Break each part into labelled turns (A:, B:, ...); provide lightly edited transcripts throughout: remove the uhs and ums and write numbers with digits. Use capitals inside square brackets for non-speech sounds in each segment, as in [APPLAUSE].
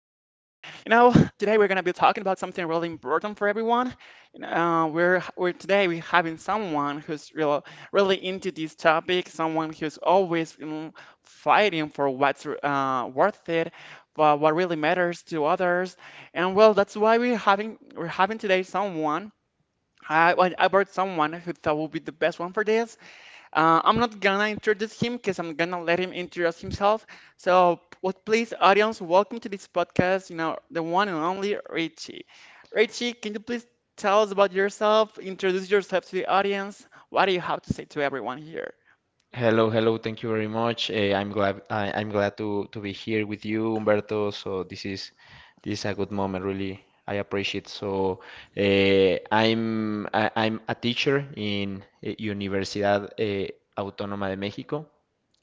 A: You know, [LAUGHS] today we're gonna be talking about something really important for everyone. You know, we're Today we're having someone who's really into this topic. Someone who's always fighting for what's worth it, for what really matters to others. And well, that's why we're having today someone. I brought someone who thought would be the best one for this. I'm not gonna introduce him because I'm gonna let him introduce himself. So, what please, audience, welcome to this podcast. You know, the one and only Richie. Richie, can you please tell us about yourself? Introduce yourself to the audience. What do you have to say to everyone here?
B: Hello, hello. Thank you very much. I'm glad to be here with you, Humberto. So this is a good moment, really. I appreciate. I'm a teacher in Universidad Autónoma de México,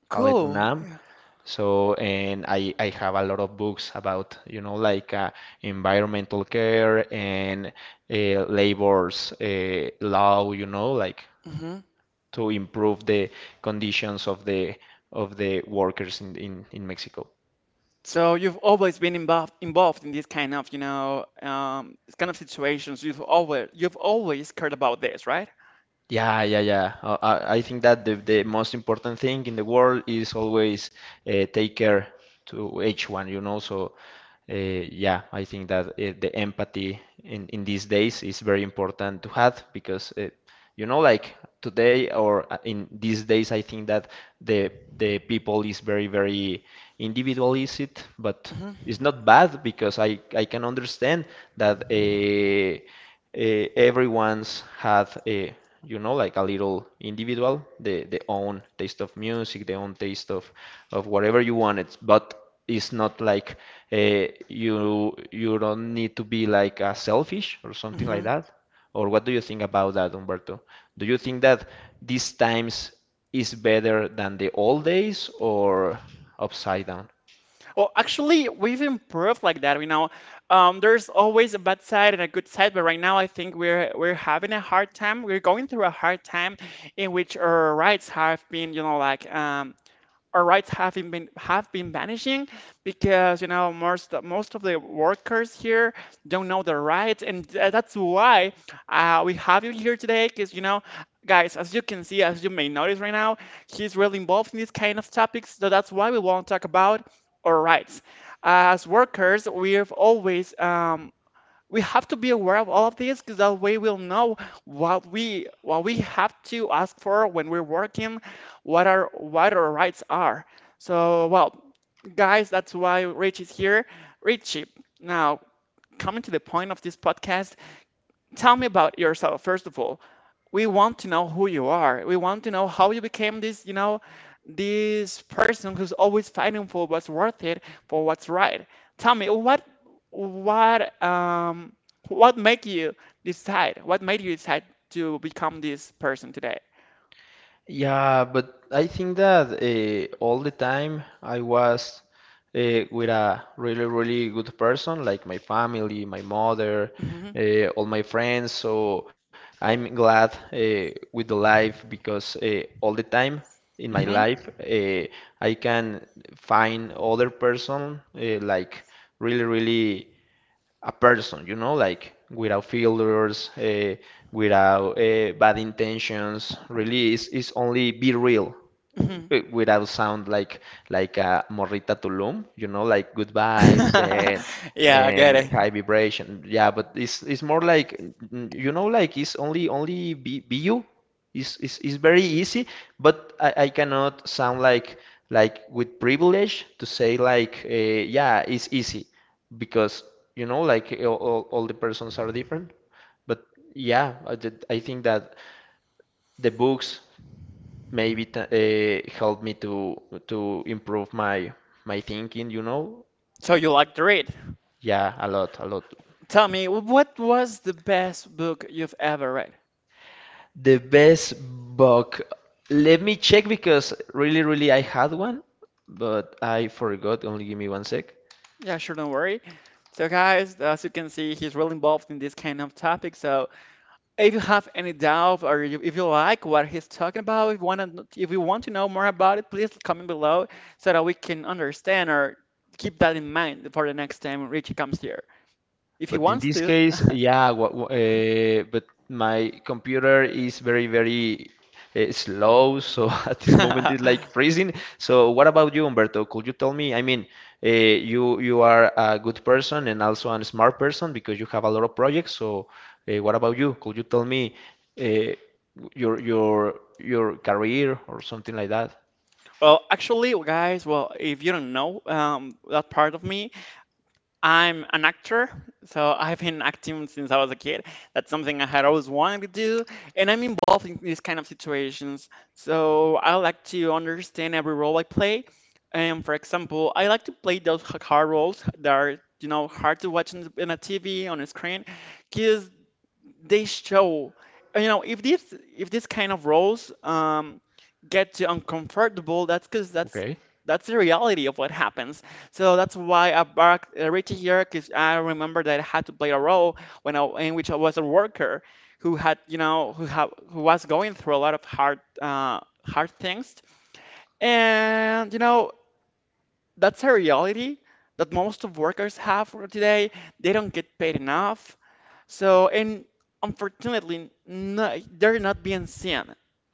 B: called
A: Cool.
B: UNAM.
A: Yeah.
B: I have a lot of books about, you know, like environmental care and uh, labor's law, you know, like
A: hmm
B: to improve the conditions of the workers in Mexico.
A: So you've always been involved in this kind of, you know, this kind of situations. You've always cared about this, right?
B: Yeah, yeah, yeah. I think that the most important thing in the world is always take care to each one, you know. Yeah, I think that the empathy in these days is very important to have because you know, like today or in these days, I think that the people is very, very individualistic, but
A: hmm
B: it's not bad because I can understand that everyone's had a you know, like a little individual, the own taste of music, the own taste of whatever you want. It's but it's not like you don't need to be like selfish or something like
A: hmm
B: that. Or what do you think about that, Humberto? Do you think that these times is better than the old days or upside down?
A: Well, actually, we've improved like that. You know, there's always a bad side and a good side, but right now I think we're having a hard time. We're going through a hard time in which our rights have been, you know, like our rights have been vanishing because you know most of the workers here don't know their rights, and that's why we have you here today. Because you know, guys, as you can see, as you may notice right now, he's really involved in these kind of topics. So that's why we want to talk about our rights as workers. We've always we have to be aware of all of this because that way we'll know what we have to ask for when we're working, what our rights are. So, well, guys, that's why Rich is here. Richie, now coming to the point of this podcast, tell me about yourself. First of all, we want to know who you are. We want to know how you became this, you know, this person who's always fighting for what's worth it, for what's right. Tell me, what, um, what make you decide? What made you decide to become this person today?
B: Yeah, but I think that all the time I was with a really, really good person, like my family, my mother,
A: hmm
B: all my friends. So I'm glad with the life because all the time in my
A: hmm
B: life I can find other person like really, really a person, you know, like without filters, without bad intentions. Really, it's only be real
A: hmm
B: without sound like Morrita Tulum, you know, like good vibes
A: [LAUGHS] yeah, I get
B: and
A: it.
B: high vibration. Yeah, but it's more like you know, like it's only BU. It's very easy, but I cannot sound like with privilege to say like yeah, it's easy because you know like all the persons are different. But yeah, I think that the books maybe helped me to improve my my thinking, you know?
A: So you like to read.
B: Yeah, a lot, a lot.
A: Tell me, what was the best book you've ever read?
B: The best book. Let me check because really, really I had one, but I forgot. Only give me one sec.
A: Yeah, sure, don't worry. So, guys, as you can see, he's really involved in this kind of topic. So, if you have any doubt or if you like what he's talking about, if you want to know more about it, please comment below so that we can understand or keep that in mind for the next time Richie comes here, if he
B: But in
A: wants
B: this
A: to.
B: case, yeah, but my computer is very, very slow, so [LAUGHS] at this moment it's like
A: [LAUGHS]
B: freezing. So what about you, Humberto? Could you tell me? I mean, you are a good person and also a smart person because you have a lot of projects. So what about you? Could you tell me uh, your your career or something like that?
A: Well, actually, guys, well, if you don't know that part of me, I'm an actor, so I've been acting since I was a kid. That's something I had always wanted to do, and I'm involved in these kind of situations. So I like to understand every role I play. And for example, I like to play those hard roles that are, you know, hard to watch in a TV on a screen, because they show, you know, if this kind of roles get you
B: Okay.
A: uncomfortable, that's because that's the reality of what happens. So that's why I barked right here, because I remember that I had to play a role in which I was a worker who had you know who have who was going through a lot of hard things. And you know, that's a reality that most of workers have for today. They don't get paid enough. So, and unfortunately, no, they're not being seen.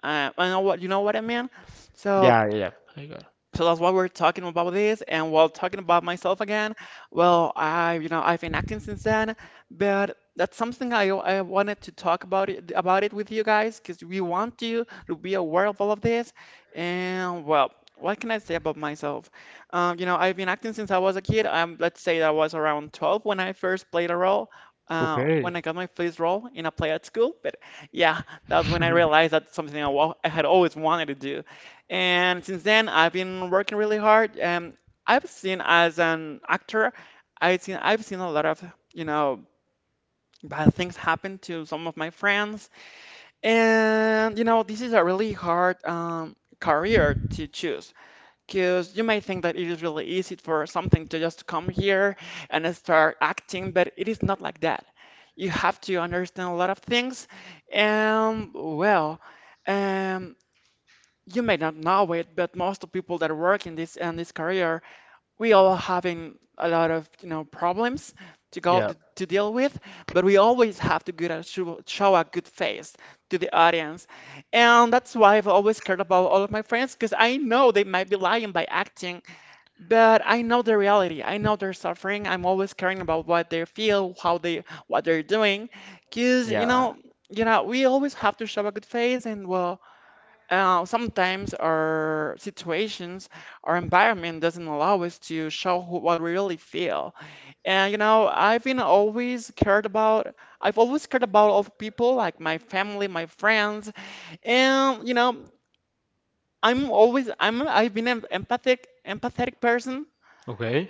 A: I know what you know what I mean. So
B: Yeah, yeah, yeah. I got. It.
A: that's why we're talking about this. And while talking about myself again, well, I, you know, I've been acting since then, but that's something I wanted to talk about about it with you guys, because we want you to be aware of all of this. And well, what can I say about myself? You know, I've been acting since I was a kid. Let's say I was around 12 when I first played a role. Uh,
B: Okay.
A: when I got my first role in a play at school. But yeah, that's when I realized that's something I had always wanted to do. And since then, I've been working really hard. I've seen, as an actor, I've seen a lot of, you know, bad things happen to some of my friends. And you know, this is a really hard career to choose, because you may think that it is really easy for something to just come here and start acting, but it is not like that. You have to understand a lot of things. And well, um, you may not know it, but most of people that work in this career, we all having a lot of, you know, problems
B: Yeah,
A: to deal with, but we always have to show a good face to the audience, and that's why I've always cared about all of my friends, because I know they might be lying by acting, but I know the reality. I know they're suffering. I'm always caring about what they feel, how they what they're doing, because you
B: yeah.
A: know. You know, we always have to show a good face, and well, sometimes our situations, our environment doesn't allow us to show what we really feel. And you know, I've been always cared about. I've always cared about of people like my family, my friends, and you know, I'm always I'm I've been an empathic empathetic person.
B: Okay.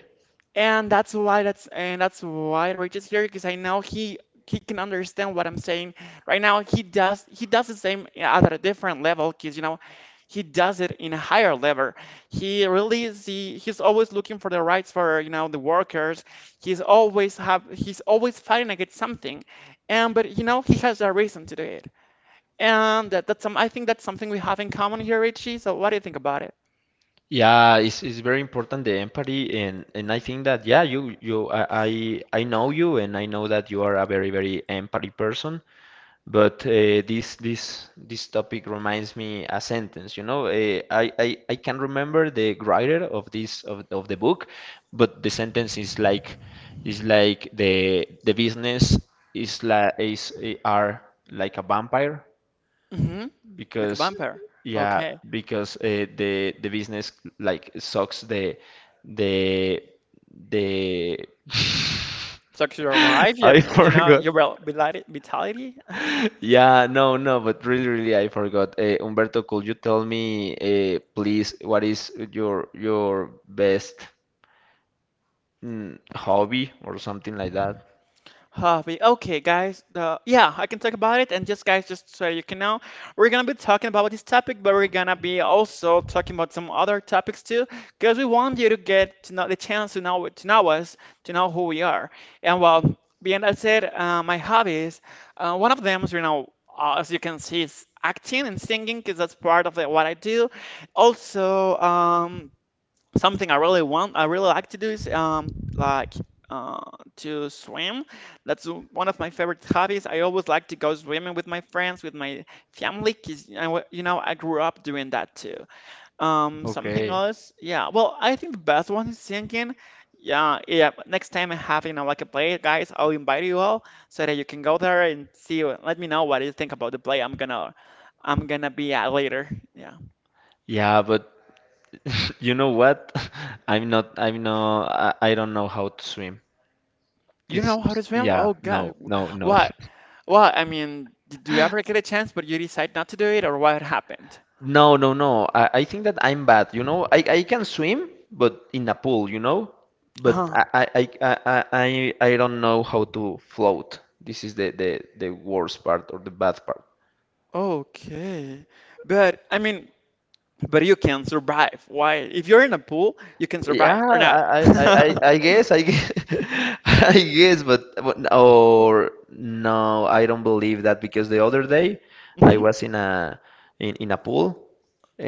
A: And that's why Rich is here, because I know he can understand what I'm saying. Right now he does the same at a different level, because you know he does it in a higher level. He really he's always looking for the rights for, you know, the workers. He's always fighting against something, and but you know he has a reason to do it. And that's some I think that's something we have in common here, Richie. So what do you think about it?
B: Yeah, it's very important the empathy and I think that yeah you I know you and I know that you are a very very empathy person but this topic reminds me a sentence you know I can remember the writer of this of the book but the sentence is like the business is like is are like a vampire
A: hmm Like a
B: because
A: vampire.
B: yeah,
A: Okay.
B: because the business like sucks the the [LAUGHS]
A: So your life, yeah,
B: I
A: you know,
B: forgot.
A: your vitality, uh-huh.
B: Yeah, no, no, but really, really, I forgot. Humberto, could you tell me, please, what is your best hobby or something like that?
A: Hobby. Okay, guys, yeah, I can talk about it. And just guys, just so you can know, we're gonna be talking about this topic, but we're gonna be also talking about some other topics too, because we want you to get to know, to know us, to know who we are. And well, being that said, my hobbies, one of them is, you know, as you can see, is acting and singing, because that's part of what I do. Also, um, something I really like to do is uh to swim. That's one of my favorite hobbies. I always like to go swimming with my friends, with my family, 'cause I, you know, I grew up doing that too. Something
B: Okay.
A: else, yeah. Well, I think the best one is singing. Yeah, yeah. Next time I have, you know, like a play, guys, I'll invite you all so that you can go there and see. Let me know what you think about the play. I'm gonna be at later. Yeah.
B: Yeah, but [LAUGHS] you know what? [LAUGHS] I'm not. I'm not. I don't know how to swim.
A: You don't know how to swim?
B: Yeah,
A: Oh God,
B: no, no, no.
A: what?
B: [LAUGHS]
A: Well, I mean, did you ever get a chance, but you decide not to do it, or what happened?
B: No, no, no. I think that I'm bad, you know. I can swim, but in a pool, you know. But
A: Huh.
B: I I don't know how to float. This is the worst part or the bad part.
A: Okay. But I mean, but you can survive. Why? If you're in a pool, you can
B: Yeah,
A: survive or not. [LAUGHS]
B: I guess, [LAUGHS] I guess, but or no, I don't believe that because the other day I
A: hmm.
B: was in a in a pool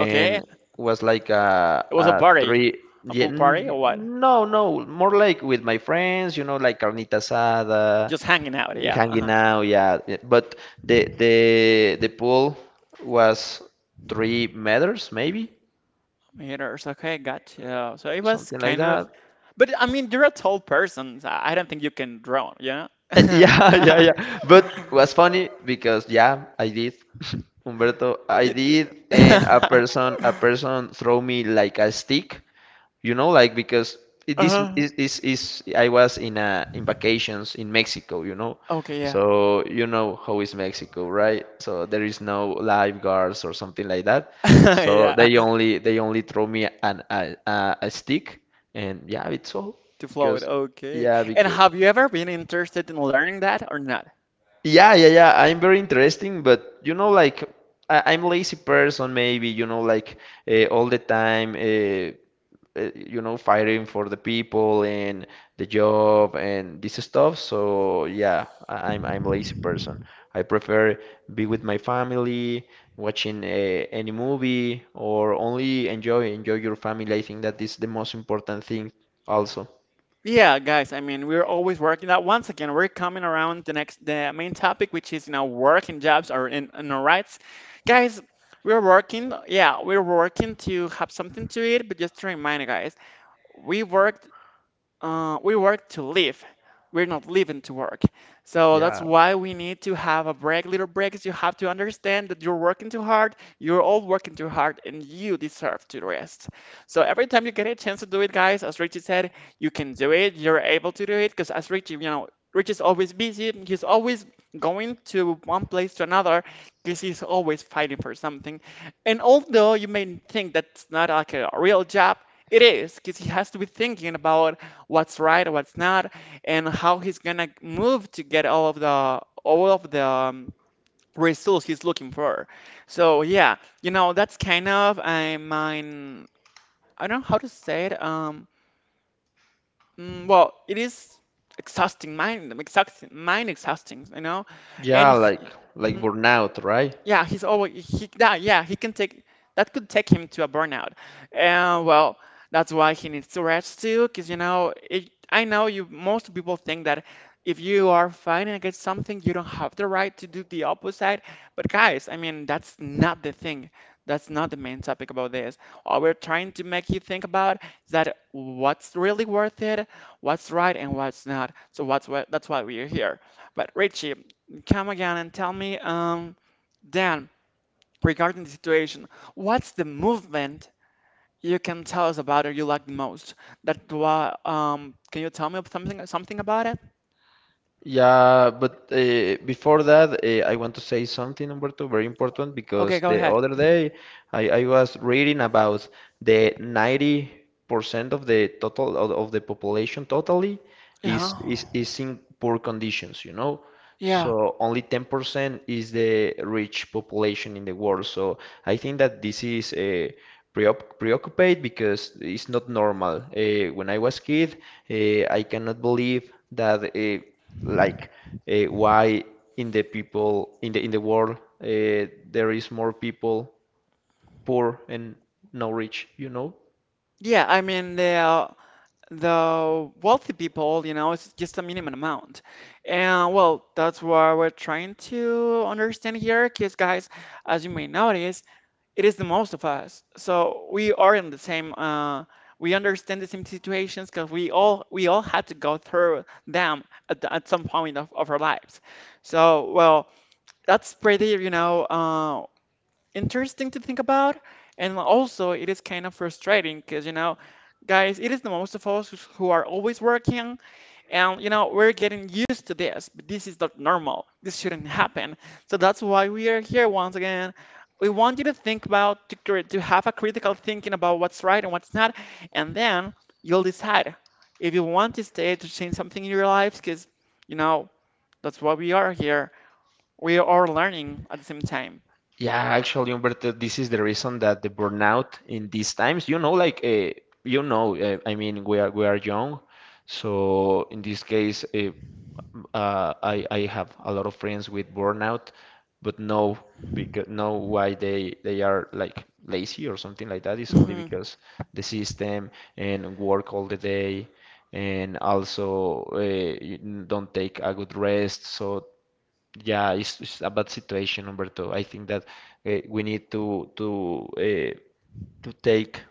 A: Okay.
B: was like
A: It was a
B: a
A: party,
B: three
A: a
B: yeah,
A: pool party or what?
B: no no more like with my friends you know like carnita asada
A: Just hanging out. Yeah.
B: hanging
A: Uh-huh.
B: out yeah yeah, but the pool was 3 meters maybe
A: Meters. Okay, gotcha. So it was
B: something like
A: kind of,
B: that.
A: but I mean, you're a tall person. So I don't think you can drown. Yeah.
B: [LAUGHS] Yeah, yeah, yeah. But
A: [LAUGHS]
B: was funny because yeah, I did. [LAUGHS] Humberto, I
A: You [LAUGHS]
B: did, and a person throw me like a stick, you know, like because it, this
A: Uh,
B: is I was in a in vacations in Mexico, you know.
A: okay, yeah.
B: So you know how is Mexico, right? So there is no lifeguards or something like that. So
A: [LAUGHS] Yeah,
B: they only throw me an a stick, and yeah, it's all
A: to float.
B: because
A: Okay.
B: yeah
A: And
B: because.
A: have you ever been interested in learning that or not?
B: Yeah, yeah, yeah. I'm very interesting, but you know, like I'm lazy person, maybe, you know, like all the time, you know, fighting for the people and the job and this stuff. So yeah, I'm lazy person. I prefer be with my family, watching any movie, or only enjoy your family. I think that is the most important thing, also.
A: Yeah, guys, I mean, we're always working that. Once again, we're coming around the main topic, which is, you know, work and jobs or in our rights. Guys, we're working, yeah, we're working to have something to eat, but just to remind you guys, we work uh, we work to live. We're not living to work. So that's
B: Yeah,
A: why we need to have a break, little breaks. You have to understand that you're working too hard, you're all working too hard, and you deserve to rest. So every time you get a chance to do it, guys, as Richie said, you can do it, you're able to do it, because as Richie, you know, Richie's always busy, he's always going to one place to another, because he's always fighting for something. And although you may think that's not like a real job, it is because he has to be thinking about what's right, what's not, and how he's gonna move to get all of the results he's looking for. So yeah, you know that's kind of I mine. I don't know how to say it. Well, it is exhausting, mind exhausting, mind exhausting. You know, and.
B: yeah, like burnout, right?
A: Yeah, he's always he that he can take that could take him to a burnout, and well that's why he needs to rest too. Cause you know it, I know you most people think that if you are fighting against something you don't have the right to do the opposite. But guys, I mean that's not the thing. That's not the main topic about this. All we're trying to make you think about is that what's really worth it, what's right and what's not. So what's what that's why we're here. But Richie, come again and tell me Then, regarding the situation, what's the movement you can tell us about or you like the most? Can you tell me something about it?
B: Yeah, but before that, I want to say something, Humberto, very important
A: Okay,
B: because
A: go
B: the
A: ahead.
B: other day I was reading about the 90% of the total of the population totally
A: Yeah,
B: is in poor conditions, you know.
A: yeah,
B: So only 10% is the rich population in the world. So I think that this is preoccupied because it's not normal. When I was kid, I cannot believe that like why in the people in the world uh, there is more people poor and no rich, you know?
A: yeah. I mean the wealthy people, you know, it's just a minimum amount, and well, that's what we're trying to understand here, because guys, as you may notice, it is the most of us. So we are in the same. We understand the same situations because we all had to go through them at, the, at some point of our lives. So well, that's pretty interesting to think about, and also it is kind of frustrating because you know, guys, it is the most of us who's- who are always working. And you know, we're getting used to this, but this is not normal. This shouldn't happen. So that's why we are here once again. We want you to think about to, cri- to have a critical thinking about what's right and what's not, and then you'll decide if you want to stay to change something in your lives, because you know that's why we are here. We are learning at the same time.
B: Yeah, actually, Humberto, this is the reason that the burnout in these times, you know, like you know, I mean, we are young, so in this case, I have a lot of friends with burnout, but no, because no, why they are like lazy or something like that is only
A: hmm
B: because the system and work all the day, and also you don't take a good rest, so yeah, it's a bad situation, Humberto. I think that we need to to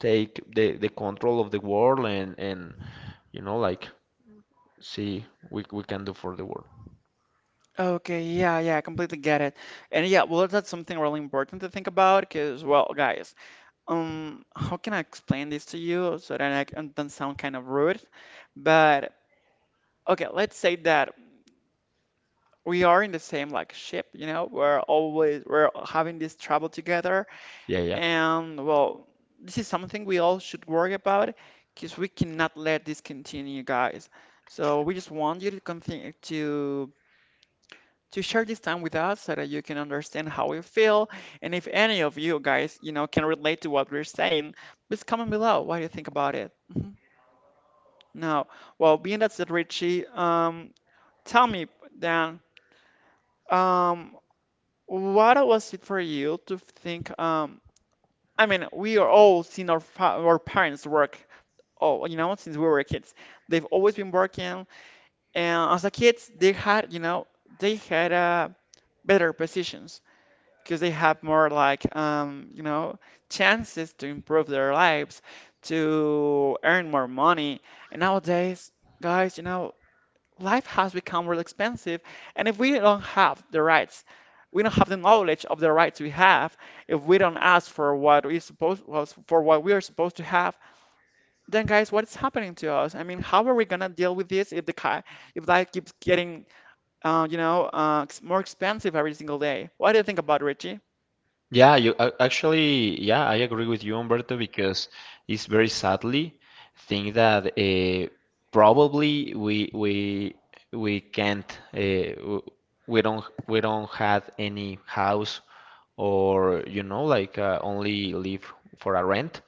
B: take the control of the world and you know like see we can do for the world.
A: Okay, yeah, yeah, I completely get it. And yeah, well, that's something really important to think about because, well, guys, how can I explain this to you so that I can, don't sound kind of rude? But okay, let's say that we are in the same like ship, you know, we're having this trouble together,
B: Yeah, yeah.
A: and well, this is something we all should worry about because we cannot let this continue, guys. So we just want you to continue to share this time with us so that you can understand how we feel, and if any of you guys, you know, can relate to what we're saying, please comment below. What do you think about it? Mhm. No. Well, being that's it, Richie, tell me then, um, what was it for you to think? I mean, we are all seen our fa our parents work. Oh, you know, since we were kids, they've always been working, and as a kids, they had, you know, they had better positions because they have more like, you know, chances to improve their lives, to earn more money. And nowadays, guys, you know, life has become real expensive. And if we don't have the rights, we don't have the knowledge of the rights we have, if we don't ask for what we supposed was for what we are supposed to have, then guys, what is happening to us? I mean, how are we gonna deal with this if the ki- if life keeps getting, you know, ex- more expensive every single day? What do you think about it, Richie?
B: Yeah, actually, yeah, I agree with you, Humberto, because it's very sadly thing that probably we can't we don't have any house or you know like only live for a rent,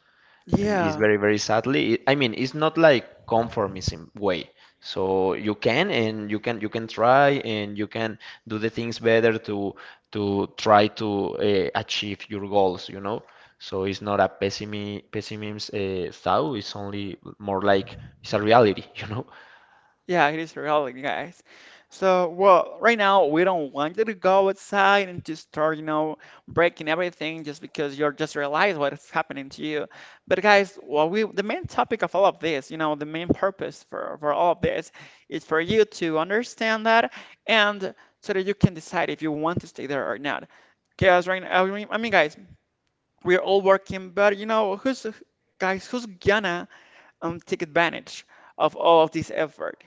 B: and it's
A: Yeah.
B: very very sadly. I mean it's not like conformism way, so you can and you can try and you can do the things better to try to achieve your goals, you know. So it's not a pessimism thought, it's only more like it's a reality. [LAUGHS] You know,
A: Yeah, it is reality, guys. So, well, right now we don't want you to go outside and just start, you know, breaking everything just because you're just realize what is happening to you. But guys, well, we the main topic of all of this, you know, the main purpose for all of this is for you to understand that and so that you can decide if you want to stay there or not. Because right now, I mean, guys, we're all working, but you know, who's guys, who's gonna take advantage of all of this effort?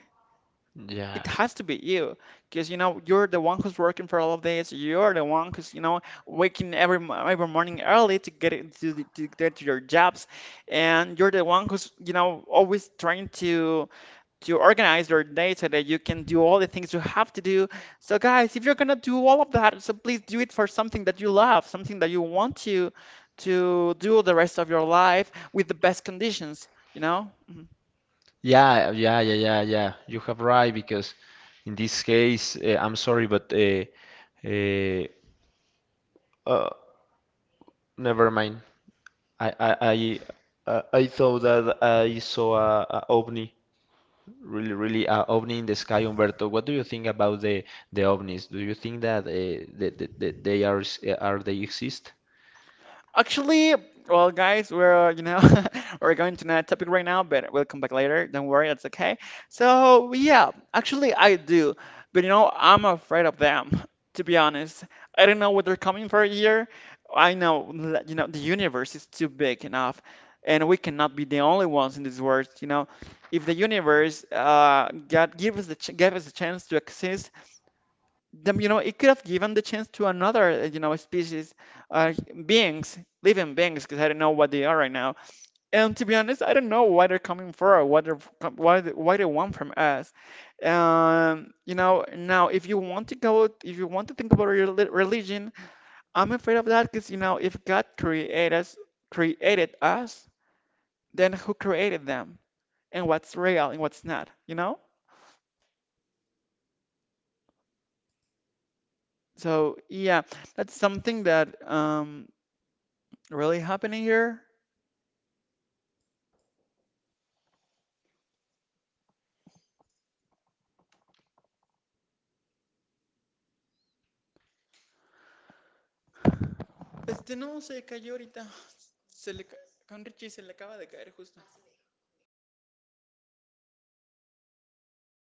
A: It
B: yeah
A: has to be you, because you know you're the one who's working for all of this. You're the one who's you know waking every mo- every morning early to get it, to, the- to get to your jobs, and you're the one who's you know always trying to organize your day so that you can do all the things you have to do. So guys, if you're gonna do all of that, so please do it for something that you love, something that you want to do the rest of your life with the best conditions. You know. Mm-hmm.
B: yeah yeah yeah yeah yeah you have right because in this case I'm sorry but uh, uh never mind. I I I, I thought that I saw a ovni, really really a ovni in the sky, Humberto. What do you think about the ovnis? Do you think that they are are they exist?
A: Actually, well, guys, we're you know [LAUGHS] we're going to another topic right now, but we'll come back later. Don't worry, it's okay. So yeah, actually I do, but you know I'm afraid of them. To be honest, I don't know what they're coming for here. I know that, you know the universe is too big enough, and we cannot be the only ones in this world. You know, if the universe got give us the ch- gave us a chance to exist, them, you know, it could have given the chance to another, you know, species, uh, beings, living beings, because I don't know what they are right now. And to be honest, I don't know why they're coming for, what they're, why they want from
B: Humberto, do you
A: us.
B: hear me?
A: You know, now if you want to go, if you want to think about rel- religion, I'm afraid of that, because you know, if God created us, then who created them,
B: Humberto?
A: and what's real and what's not, you know? So yeah, that's something that really happening here. Este no, se cayó ahorita. Se le ca- con Richie se le acaba de caer justo. Con Richie. Ah,